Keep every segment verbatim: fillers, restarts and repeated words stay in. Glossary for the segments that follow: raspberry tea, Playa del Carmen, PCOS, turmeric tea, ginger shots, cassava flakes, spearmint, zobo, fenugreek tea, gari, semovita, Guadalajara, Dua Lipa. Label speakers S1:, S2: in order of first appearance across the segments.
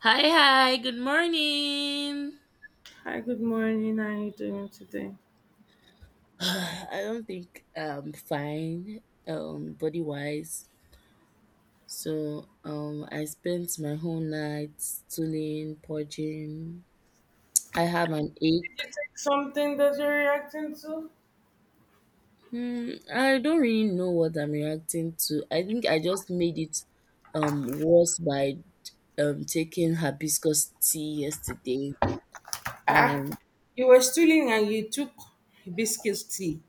S1: Hi, hi, good morning.
S2: Hi, good morning. How are you doing today?
S1: I don't think I'm fine, um, body wise. So, um, I spent my whole night stooling, purging. I have an ache.
S2: It's like something that you're reacting to?
S1: Hmm, I don't really know what I'm reacting to. I think I just made it, um, worse by, um, taking hibiscus tea yesterday.
S2: Ah,
S1: Um,
S2: you were stealing and you took hibiscus tea.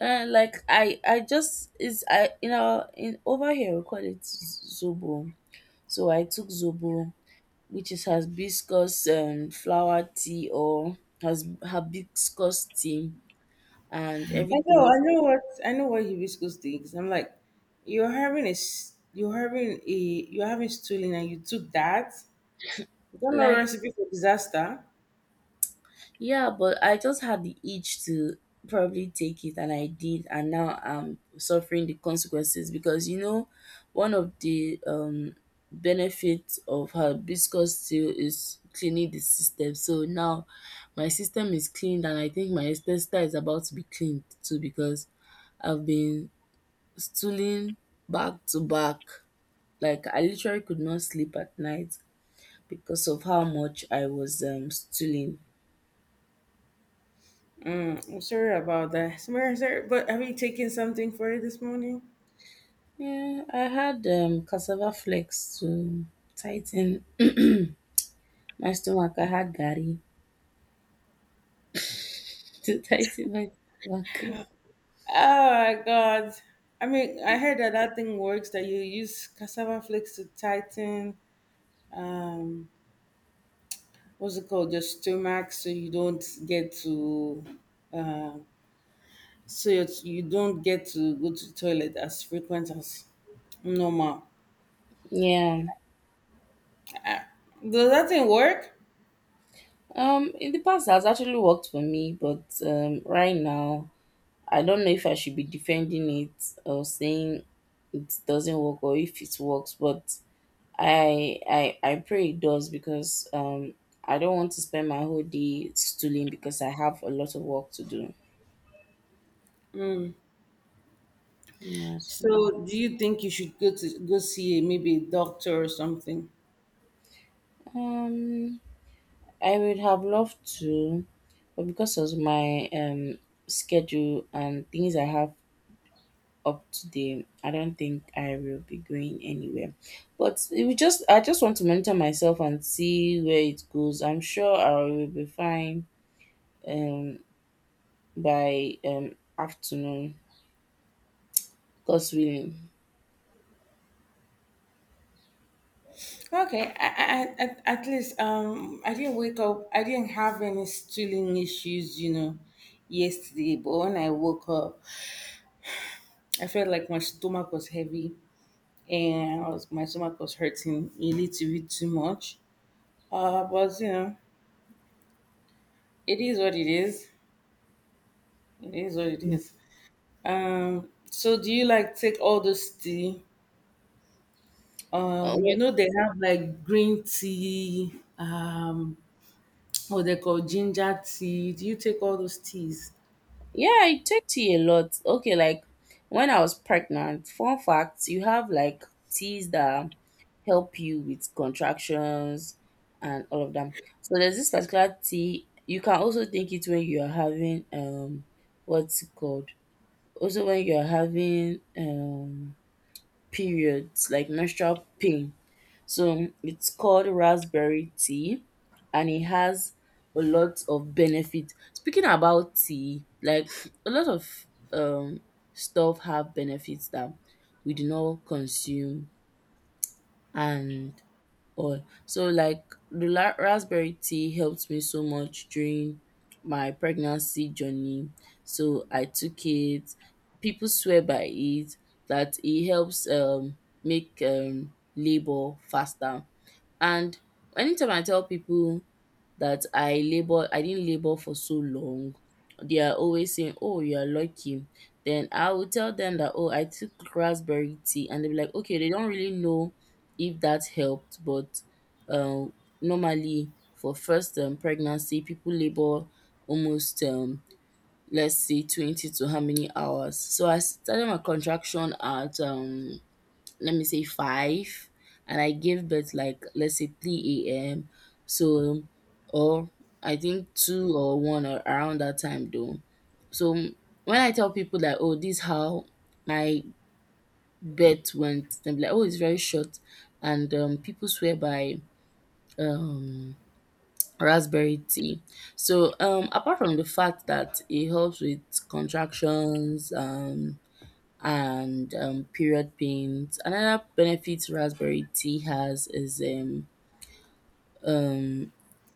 S1: uh, like I, I just is I you know in over here we call it z- zobo. So I took zobo, which is hibiscus um, flower tea or has hibiscus tea and
S2: I know,
S1: everything.
S2: I know what I know what hibiscus tea is. I'm like, you're having a s- you're having a you're having stealing and you took that. You not know
S1: Like,
S2: recipe for disaster.
S1: yeah, but I just had the itch to probably take it and I did, and now I'm suffering the consequences because you know one of the um benefits of hibiscus tea is cleaning the system. So now my system is cleaned and I think my sister is about to be cleaned too because I've been stooling back to back. Like I literally could not sleep at night because of how much I was um stooling.
S2: Mm, I'm sorry about that. Sorry, sorry, but have you taken something for it this morning?
S1: Yeah, I had um cassava flakes to tighten my stomach. I had gari to tighten my stomach.
S2: Oh my god. I mean, I heard that that thing works, that you use cassava flakes to tighten, um what's it called, your stomach, so you don't get to, uh, so it's- you don't get to go to the toilet as frequent as normal.
S1: Yeah.
S2: Does that thing work?
S1: Um, in the past, it has actually worked for me, but um, right now, I don't know if I should be defending it or saying it doesn't work or if it works. But I I I pray it does because um I don't want to spend my whole day stooling because I have a lot of work to do. Yeah. So,
S2: So do you think you should go to go see a, maybe a doctor or something?
S1: um, I would have loved to, but because of my um schedule and things I have up today, I don't think I will be going anywhere. But it will just I just want to mentor myself and see where it goes. I'm sure I will be fine um by um afternoon, God's willing.
S2: Okay, I, I, I, at at least, um I didn't wake up, I didn't have any stooling issues, you know, yesterday, but when I woke up I felt like my stomach was heavy and I was my stomach was hurting a little bit too much. Uh, but you know, it is what it is. It is what it
S1: Uh,
S2: is. Um, so do you like take all this tea? Um, you
S1: well,
S2: know, they have like green tea, um, what they call ginger tea. Do you take all those teas?
S1: yeah, I take tea a lot. Okay, like when I was pregnant, fun fact, you have like teas that help you with contractions and all of them. So there's this particular tea. You can also take it when you are having um what's it called? Also when you are having um periods like menstrual pain. So it's called raspberry tea and it has a lot of benefit. Speaking about tea, like a lot of um stuff have benefits that we do not consume and all. So like the la- raspberry tea helped me so much during my pregnancy journey. So I took it. People swear by it that it helps um make um labor faster, and anytime I tell people that I labor, I didn't labor for so long, they are always saying, "Oh, you are lucky." Then I will tell them that, "Oh, I took raspberry tea," and they'll be like, "Okay." They don't really know if that helped, but um, normally for first um, pregnancy, people labor almost um, let's say twenty to how many hours. So I started my contraction at um let me say five, and I give birth like let's say three a m. So, or I think two or one or around that time though. So when I tell people that, oh, this how my birth went, they'll be like, "Oh, it's very short," and um people swear by um raspberry tea. So um apart from the fact that it helps with contractions, um and um, period pains. Another benefit raspberry tea has is um, um,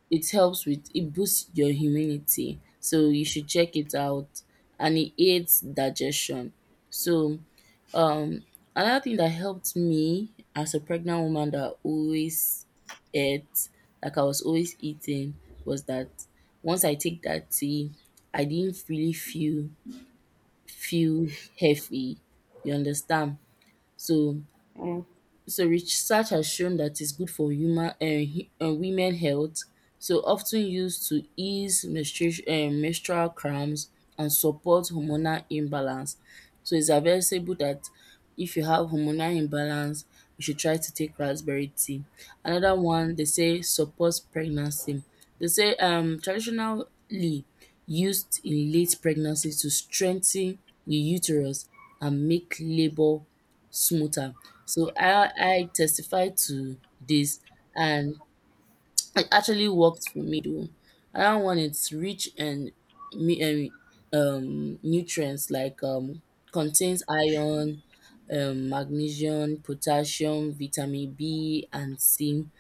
S1: it helps with it boosts your immunity, so you should check it out, and it aids digestion. So, um, another thing that helped me as a pregnant woman that always ate, like I was always eating, was that once I take that tea, I didn't really feel feel heavy. You understand? So so research has shown that it's good for human uh, uh, women health. So often used to ease menstruation uh, menstrual cramps and support hormonal imbalance. So it's advisable that if you have hormonal imbalance, you should try to take raspberry tea. Another one, they say supports pregnancy. They say um traditionally used in late pregnancy to strengthen the uterus and make labour smoother. So I I testify to this, and it actually worked for me though. Another one, it's rich and mi- um, um, nutrients like um, contains iron, um, magnesium, potassium, vitamin B, and C.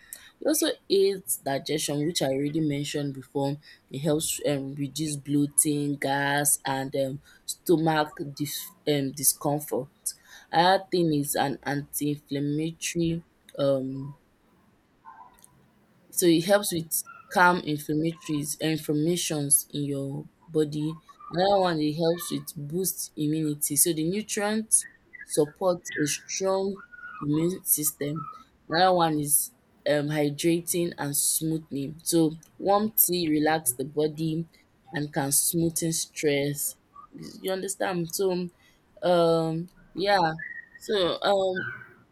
S1: It also aids digestion, which I already mentioned before. It helps um, reduce bloating, gas, and um, stomach dis- um, discomfort. Another thing is an anti-inflammatory, um, so it helps with calm inflammatories inflammations in your body. Another one, it helps with boost immunity. So the nutrients support a strong immune system. Another one is um, hydrating and smoothing. So warm tea relax the body and can smoothen stress. You understand? So um, yeah. So, um,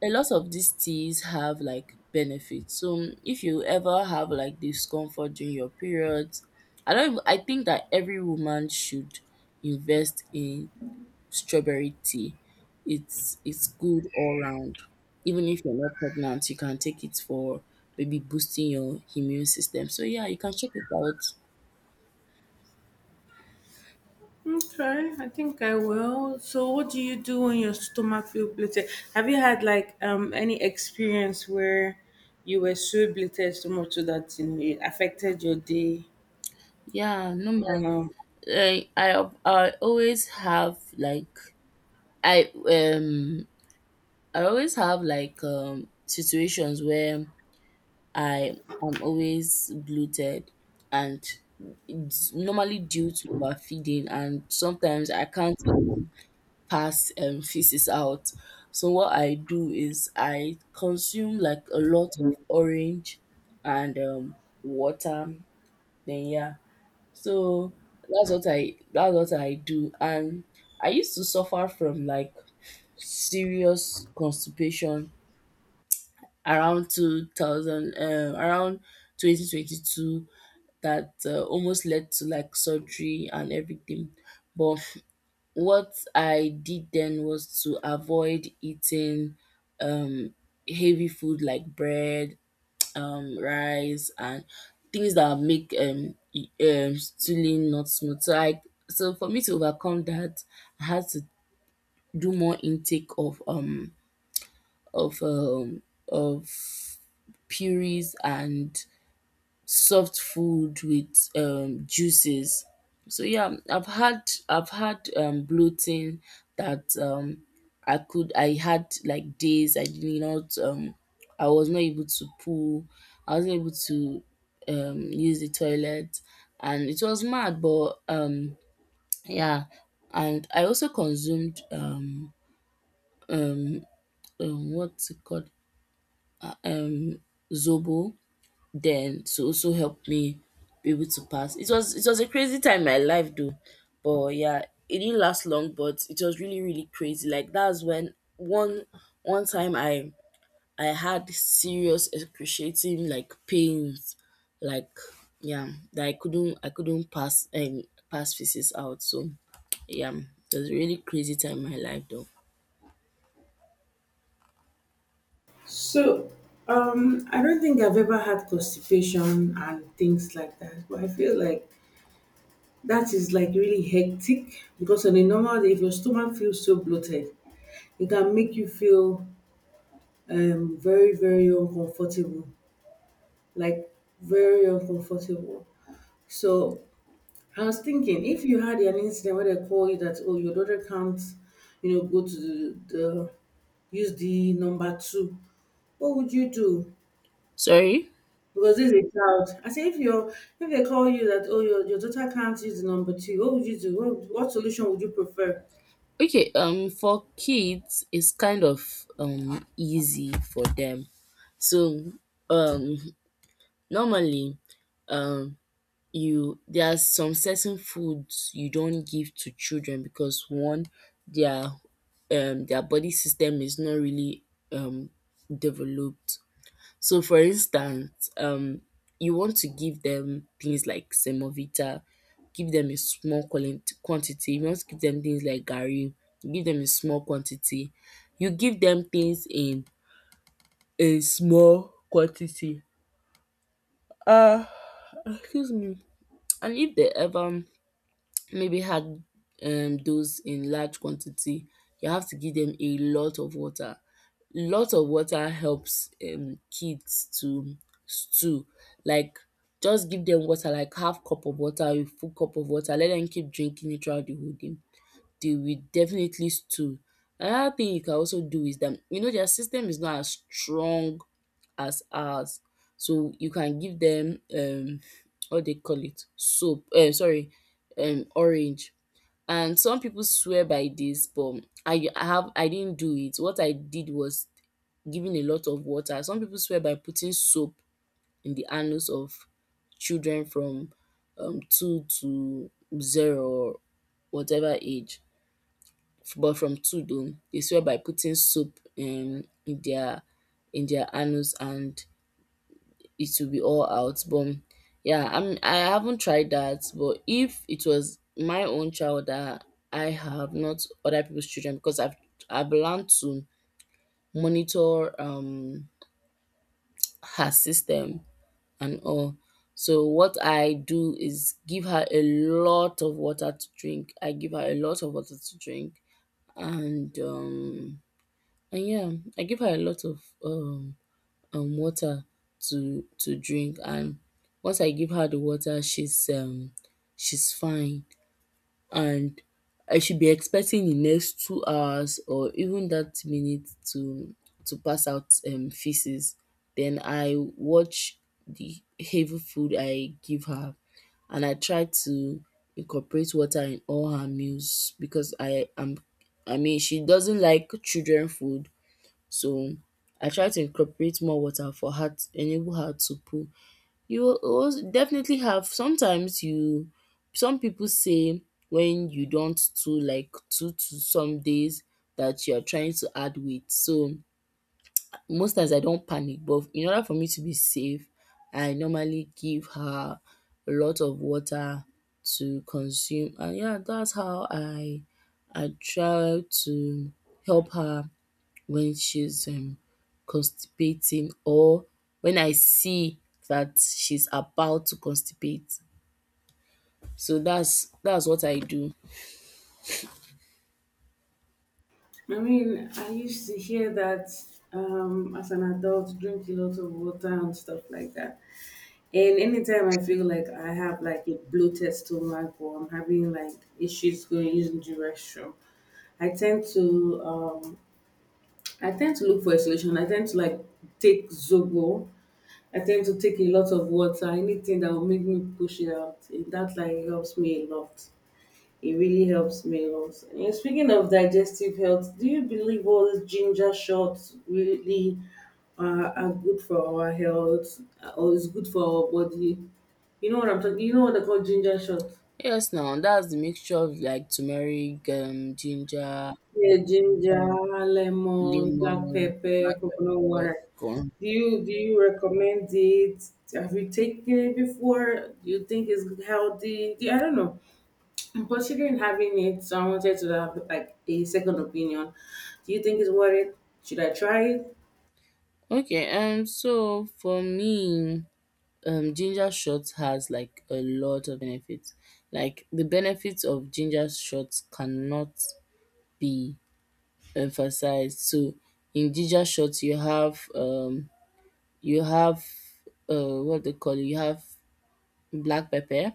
S1: a lot of these teas have like benefits. So, um, if you ever have like discomfort during your periods, I don't. even- I think that every woman should invest in strawberry tea. It's it's good all round. Even if you're not pregnant, you can take it for maybe boosting your immune system. So yeah, you can check it out.
S2: Okay, I think I will. So, what do you do when your stomach feels bloated? Have you had like um any experience where you were so bloated so much so that, you know, it affected your day?
S1: Yeah, no matter.
S2: Um,
S1: I I I always have like I um I always have like um situations where I am always bloated, and it's normally due to overfeeding, and sometimes I can't even pass um feces out. So what I do is I consume like a lot of orange and um water, then yeah. So that's what I that's what I do, and I used to suffer from like serious constipation around two thousand um around twenty twenty-two that uh, almost led to like surgery and everything, but what I did then was to avoid eating um heavy food like bread, um rice, and things that make um, e- um stooling not smooth. So i so for me to overcome that, I had to do more intake of um of um of purees and soft food with um juices. So yeah, I've had I've had um bloating that um I could I had like days I did not um I was not able to pull, I wasn't able to um use the toilet, and it was mad, but um yeah. And I also consumed um um, um what's it called? Zobo then, to also help me be able to pass. It was it was a crazy time in my life though, but yeah, it didn't last long. But it was really really crazy. Like, that's when one one time I I had serious excruciating like pains, like, yeah, that I couldn't I couldn't pass and pass physics out. So yeah, it was a really crazy time in my life though.
S2: So, um, I don't think I've ever had constipation and things like that, but I feel like that is like really hectic, because on a normal day, if your stomach feels so bloated, it can make you feel, um, very, very uncomfortable. Like, very uncomfortable. So I was thinking, if you had an incident where they call you that, oh, your daughter can't, you know, go to the, the use the number two, what would you do?
S1: Sorry.
S2: Because this is a child. I say, if you are, if they call you that, oh, your, your daughter can't use the number two, what would you do? What, what solution would you prefer?
S1: Okay, um for kids it's kind of um easy for them. So, um, normally, um, you there are some certain foods you don't give to children because one, their um their body system is not really um developed. So, for instance, um, you want to give them things like semovita, give them a small quali- quantity. You want to give them things like gari, give them a small quantity. You give them things in a small quantity. Ah, excuse me, and if they ever maybe had um those in large quantity, you have to give them a lot of water. Lot of water helps um kids to stew. Like, just give them water, like half cup of water, a full cup of water, let them keep drinking it throughout the whole day, they will definitely stool. Another thing you can also do is that you know their system is not as strong as ours. So you can give them um what they call it soap, um sorry um orange. And some people swear by this, but I I have I didn't do it. What I did was giving a lot of water. Some people swear by putting soap in the anus of children from um two to zero or whatever age, but from Tudor, they swear by putting soap um, in their in their anus, and it will be all out. But yeah, I'm I haven't tried that. But if it was my own child that I have, not other people's children, because I've I've learned to monitor um her system and all. So what I do is give her a lot of water to drink. I give her a lot of water to drink, and um And yeah, I give her a lot of um, um water to to drink, and once I give her the water, she's um she's fine, and I should be expecting the next two hours or even that minute to to pass out um feces. Then I watch the heavy food I give her, and I try to incorporate water in all her meals because I am I mean she doesn't like children food, so I try to incorporate more water for her t- enable her to poo. You will als- definitely have sometimes you some people say when you don't to like two to some days that you are trying to add weight. So most times I don't panic, but in order for me to be safe, I normally give her a lot of water to consume. And yeah, that's how I I try to help her when she's um, constipating, or when I see that she's about to constipate. So that's that's what I do.
S2: I mean, I used to hear that, um, as an adult, drink a lot of water and stuff like that. And anytime I feel like I have like a bloated stomach, or I'm having like issues going using the restroom, I tend to um I tend to look for a solution. I tend to like take Zobo. I tend to take a lot of water, anything that will make me push it out. It, that like helps me a lot. It really helps me a lot. And yeah, speaking of digestive health, do you believe all these ginger shots really are, are good for our health, uh, or is good for our body? You know what I'm talking. You know what they call ginger shots?
S1: Yes, now that's the mixture of like turmeric, um, ginger,
S2: Yeah, ginger,
S1: um,
S2: lemon, black
S1: lemon, black
S2: pepper, coconut
S1: pepper,
S2: water.
S1: corn.
S2: Do you do you recommend it? Have you taken it before? Do you think it's healthy? Do- I don't know. I'm considering having it, so I wanted to have like a second opinion. Do you think it's worth it? Should I try it?
S1: Okay, um, so for me, um, ginger shots has like a lot of benefits. Like the benefits of ginger shots cannot be emphasized. So in ginger shot you have um you have uh what they call it, you have black pepper,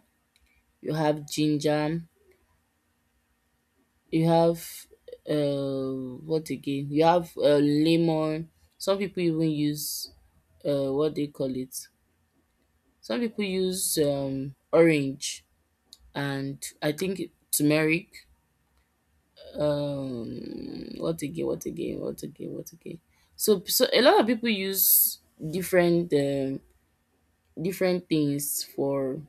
S1: you have ginger, you have uh what again? You have uh, lemon. Some people even use uh what they call it. Some people use um orange and I think turmeric. Um what again, what again, what again, what again. So so a lot of people use different um different things for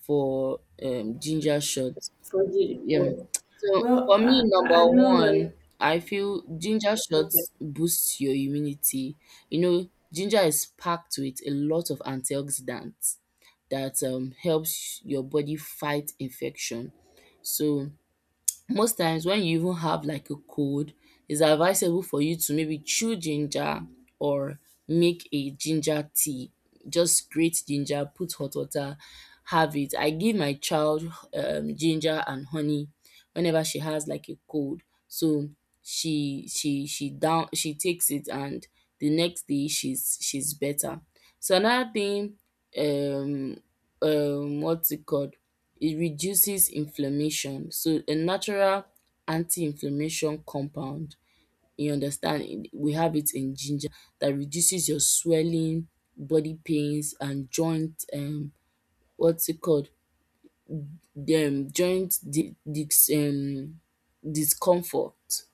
S1: for um ginger shots,
S2: For the,
S1: yeah.
S2: for,
S1: So
S2: well,
S1: for
S2: I,
S1: me,
S2: I I
S1: number
S2: know,
S1: one,
S2: like,
S1: I feel ginger
S2: okay.
S1: shots boosts your immunity. You know, ginger is packed with a lot of antioxidants that um helps your body fight infection. So most times when you even have like a cold, it's advisable for you to maybe chew ginger or make a ginger tea. Just grate ginger, put hot water, have it. I give my child um, ginger and honey whenever she has like a cold. So she she she down she takes it and the next day she's she's better. So another thing um um what's it called, it reduces inflammation. So a natural anti-inflammation compound, you understand, in- we have it in ginger that reduces your swelling, body pains and joint um what's it called, um joint di dis um discomfort.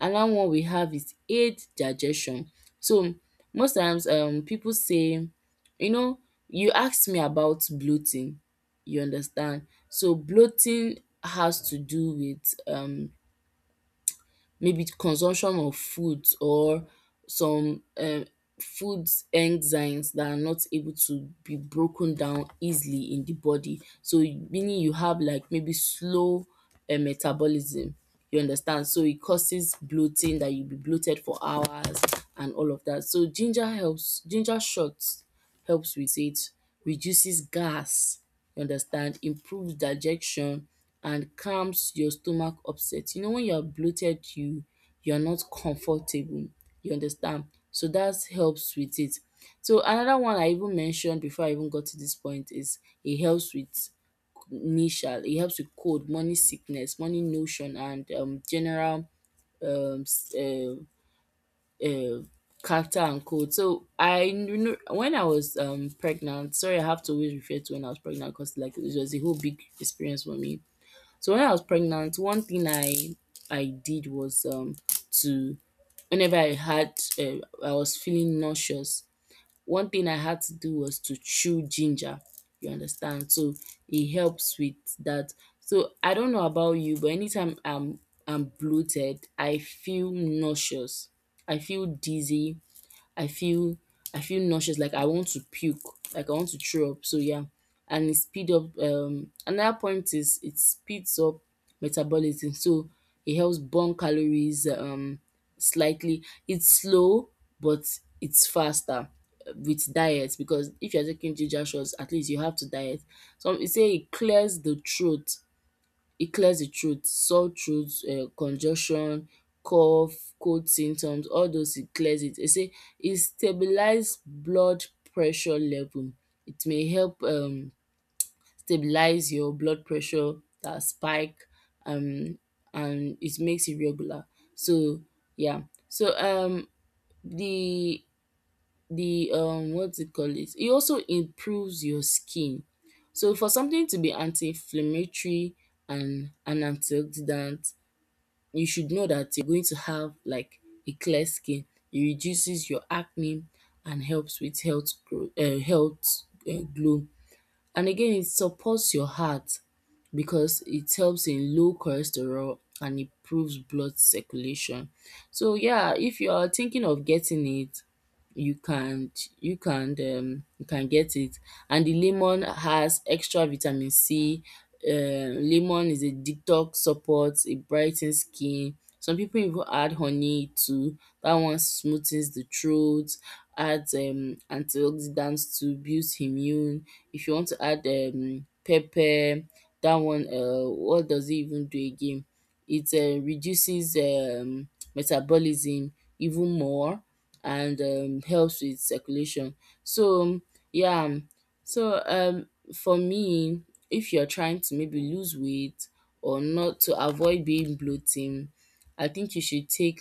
S1: Another one we have is aid digestion. So most times um people say, you know, you asked me about bloating, you understand, so bloating has to do with um maybe consumption of foods or some um food enzymes that are not able to be broken down easily in the body. So meaning you have like maybe slow um metabolism. You understand? So it causes bloating that you'll be bloated for hours and all of that. So ginger helps ginger shots helps with it, reduces gas, you understand, improves digestion and calms your stomach upset. You know when you are bloated, you you are not comfortable. You understand? So that helps with it. So another one I even mentioned before I even got to this point is it helps with initial, it helps with cold, morning sickness, morning notion and um general um s- um uh, character and code. So I knew when I was um pregnant. Sorry, I have to always refer to when I was pregnant because like it was a whole big experience for me. So when I was pregnant, one thing I I did was um to whenever I had uh, I was feeling nauseous, one thing I had to do was to chew ginger, you understand? So it helps with that. So I don't know about you, but anytime I'm I'm bloated, I feel nauseous. I feel dizzy. I feel I feel nauseous, like I want to puke, like I want to throw up. So yeah, and it speed up. Um, another point is it speeds up metabolism, so it helps burn calories um slightly. It's slow, but it's faster uh, with diet, because if you're taking ginger shots, at least you have to diet. So it say it clears the throat it clears the throat, sore throat, um congestion, cough, cold symptoms, all those it clears it. They say it stabilise blood pressure level. It may help um stabilise your blood pressure that spike, um and it makes it regular. So yeah, so um the the um what do you call it, it also improves your skin. So for something to be anti-inflammatory and an antioxidant, you should know that you're going to have like a clear skin. It reduces your acne and helps with health growth, uh, health, uh, glow. And again, it supports your heart because it helps in low cholesterol and improves blood circulation. So yeah, if you're thinking of getting it, you can you can um you can get it. And the lemon has extra vitamin C. Um lemon is a detox support, it brightens skin. Some people even add honey too. That one smoothens the throat, adds um antioxidants to boost immune. If you want to add um pepper, that one, uh, what does it even do again? It um reduces um metabolism even more and um helps with circulation. So yeah, um, yeah, so um for me, if you're trying to maybe lose weight or not to avoid being bloating, I think you should take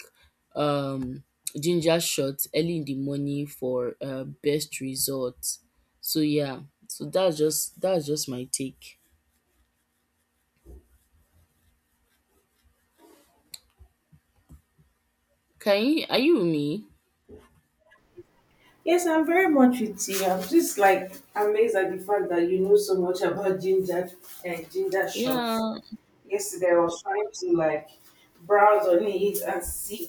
S1: um ginger shots early in the morning for uh, best results. So yeah, so that's just that's just my take. Can you, are you with me?
S2: Yes, I'm very much with you. I'm just like amazed at the fact that you know so much about ginger and ginger
S1: Yeah.
S2: shots. Yesterday, I was trying to like browse on it and see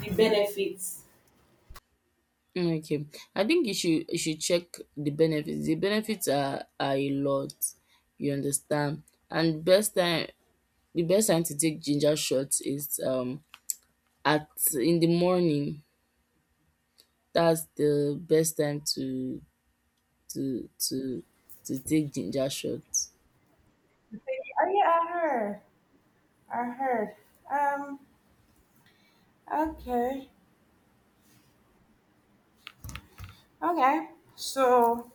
S2: the benefits.
S1: Mm. Okay, I think you should you should check the benefits. The benefits are are a lot, you understand. And best time the best time to take ginger shots is um at in the morning. That's the best time to to to to take ginger shots.
S2: Oh yeah, I heard. I heard. Um. Okay. Okay. So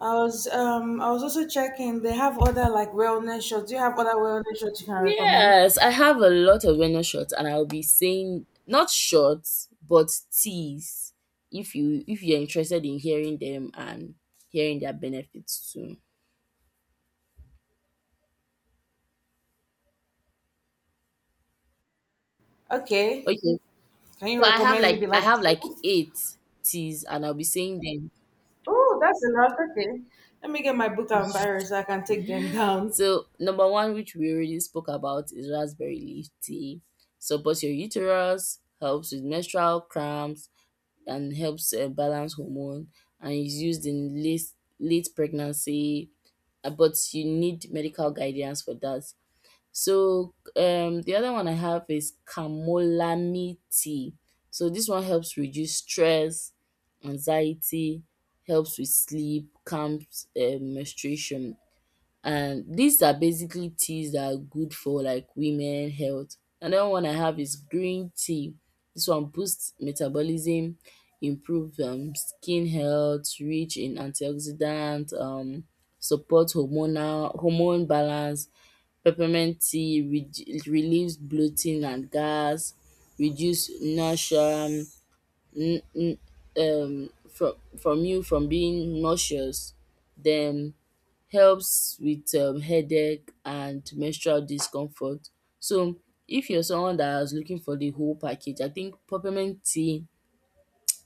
S2: I was, um I was also checking. They have other like wellness shows. Do you have other wellness shows you can recommend?
S1: Yes, I have a lot of wellness shots, and I'll be saying not shots but teas. If you if you're interested in hearing them and hearing their benefits too.
S2: Okay.
S1: Okay,
S2: Can
S1: so
S2: you
S1: I have
S2: recommend maybe
S1: like I
S2: like
S1: have like
S2: two?
S1: eight T's and I'll be saying them.
S2: Oh, that's a lot. Okay. Let me get my book and buyer so I can take them down.
S1: So number one, which we already spoke about, is raspberry leaf tea. Supports your uterus, helps with menstrual cramps, and helps uh, balance hormone. And is used in late late pregnancy, uh, but you need medical guidance for that. So um the other one I have is chamomile tea. So this one helps reduce stress, anxiety, helps with sleep, calms um, menstruation. And these are basically teas that are good for like women health. Another one I have is green tea. This one boosts metabolism, improves um, skin health, rich in antioxidant, um, support hormonal hormone balance. Peppermint tea redu relieves bloating and gas, reduce nausea, um, n n um from from you from being nauseous, then helps with um headache and menstrual discomfort. So if you're someone that is looking for the whole package, I think peppermint tea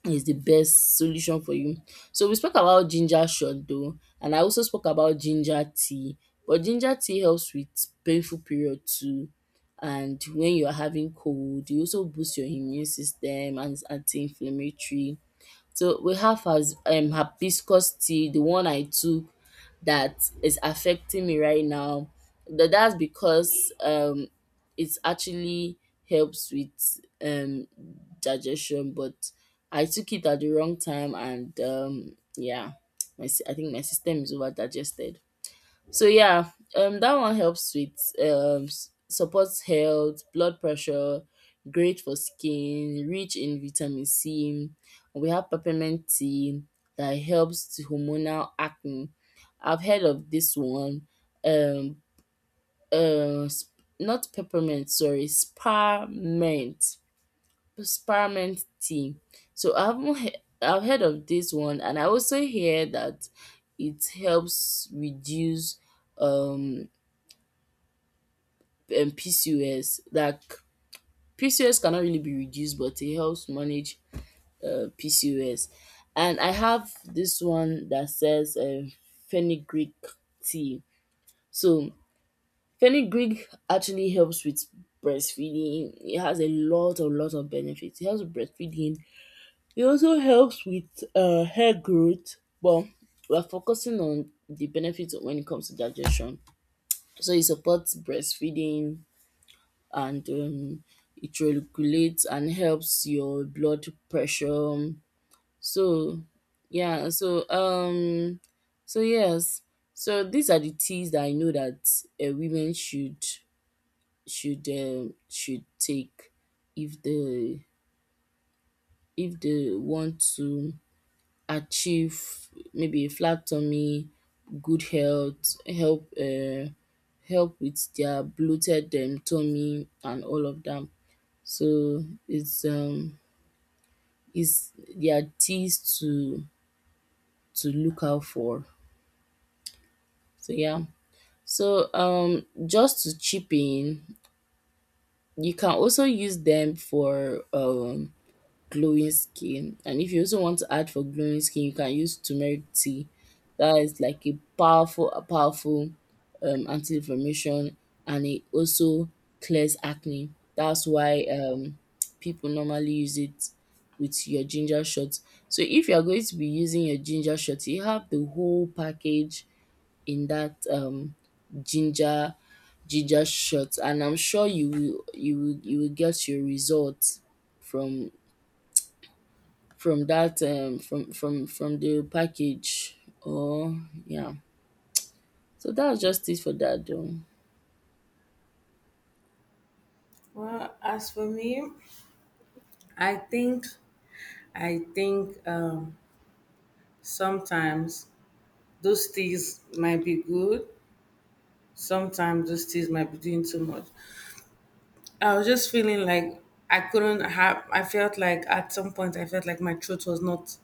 S1: is the best solution for you. So we spoke about ginger shot though, and I also spoke about ginger tea, but ginger tea helps with painful period too, and when you are having cold e also boost your immune system and is anti-inflammatory. So we have has um hibiscus tea, the one I took that is affecting me right now. Tha- That's because um it actually helps with um digestion, but I took it at the wrong time, and um yeah, my si- I think my system is over digested. So yeah, um, that one helps with um s- supports health, blood pressure, great for skin, rich in vitamin C. We have peppermint tea that helps to hormonal acne. I've heard of this one. Um, uh, sp- Not peppermint, sorry, spearmint, spearmint tea. So I haven't he- I've heard of this one, and I also hear that it helps reduce um um, P C O S. Like P C O S cannot really be reduced, but it helps manage, uh, P C O S. And I have this one that says, um, fenugreek tea. So fenugreek actually helps with breastfeeding. It has a lot, a lot of benefits. It helps with breastfeeding. It also helps with uh, hair growth. But we're focusing on the benefits when it comes to digestion. So it supports breastfeeding, and um it regulates and helps your blood pressure. So yeah, so um so yes. So these are the teas that I know that, uh, women should should um should take if the if they want to achieve maybe a flat tummy, good health, help uh help with their bloated, um, tummy, and all of that. So it's um it's there are things to to look out for. So yeah. So um just to chip in, you can also use them for um glowing skin. And if you also want to add for glowing skin, you can use turmeric tea. That is like a powerful, a powerful, um, anti-inflammation, and it also clears acne. That's why, um, people normally use it with your ginger shots. So if you are going to be using your ginger shot, you have the whole package in that, um, ginger ginger shot, and I'm sure you will you will you will get your results from from that um from from from the package or yeah, so that's just it for that though.
S2: Well, as for me, I think, I think um sometimes those things might be good. Sometimes those things might be doing too much. I was just feeling like I couldn't have, I felt like at some point I felt like my throat was not,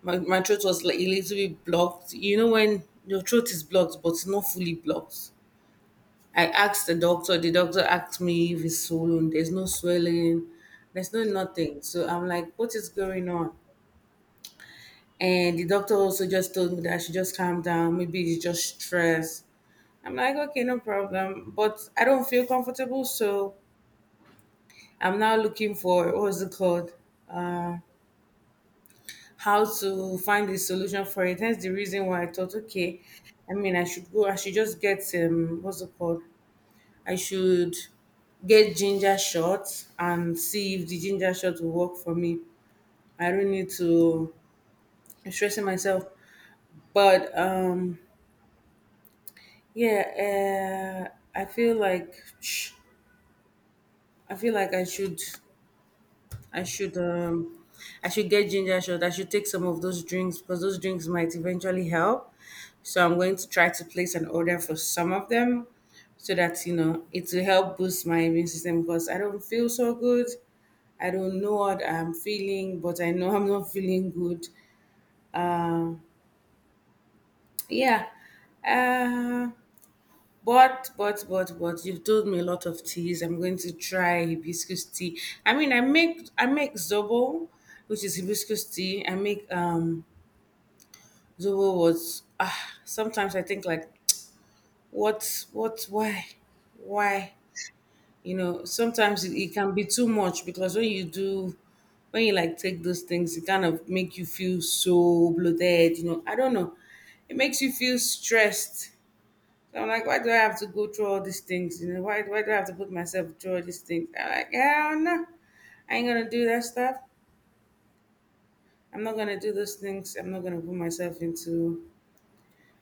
S2: my, my throat was like a little bit blocked. You know when your throat is blocked but it's not fully blocked. I asked the doctor, the doctor asked me if it's swollen, there's no swelling, there's no nothing. So I'm like, what is going on? And the doctor also just told me that I should just calm down, maybe it's just stress. I'm like, okay, no problem. But I don't feel comfortable, so I'm now looking for, what's it called, how to find the solution for it. Hence the reason why I thought, okay, I mean, I should go, I should just get, um, what's it called, I should get ginger shots and see if the ginger shot will work for me. I don't need to stress myself. But um, yeah, uh, I feel like, I feel like I should. I should um I should get ginger shot. I should take some of those drinks because those drinks might eventually help. So I'm going to try to place an order for some of them so that, you know, it will help boost my immune system, because I don't feel so good. I don't know what I'm feeling, but I know I'm not feeling good. Yeah. Uh, But, but, but, but you've told me a lot of teas. I'm going to try hibiscus tea. I mean, I make I make zobo, which is hibiscus tea. I make, um zobo was, ah. Sometimes I think like, what, what, why, why? You know, sometimes it, it can be too much, because when you do, when you like take those things, it kind of make you feel so bloated. You know, I don't know. It makes you feel stressed. So I'm like, why do I have to go through all these things? You know, why why do I have to put myself through all these things? I'm like, hell no. I ain't gonna do that stuff. I'm not gonna do those things. I'm not gonna put myself into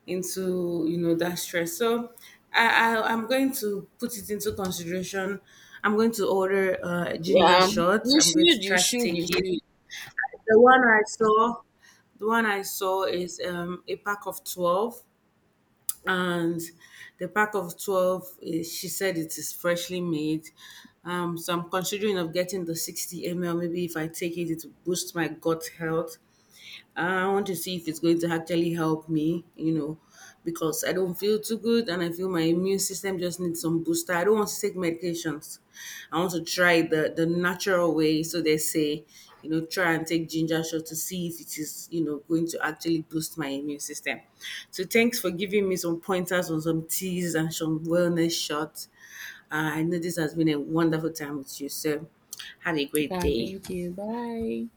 S2: into you know, that stress. So I, I I'm going to put it into consideration. I'm going to order, uh, ginger
S1: Yeah,
S2: shots.
S1: you
S2: I'm going
S1: should
S2: to
S1: you
S2: try to
S1: should you
S2: take it.
S1: should.
S2: The one I saw, the one I saw is, um, a pack of twelve, and the pack of twelve is, she said, it is freshly made, um, so I'm considering of getting the sixty milliliters. Maybe if I take it, it will boost my gut health. I want to see if it's going to actually help me, you know, because I don't feel too good and I feel my immune system just needs some booster. I don't want to take medications. I want to try the the natural way. So they say, you know, try and take ginger shot to see if it is, you know, going to actually boost my immune system. So thanks for giving me some pointers on some teas and some wellness shots. Uh, I know this has been a wonderful time with you. So have a great
S1: Yeah,
S2: day.
S1: thank you, bye.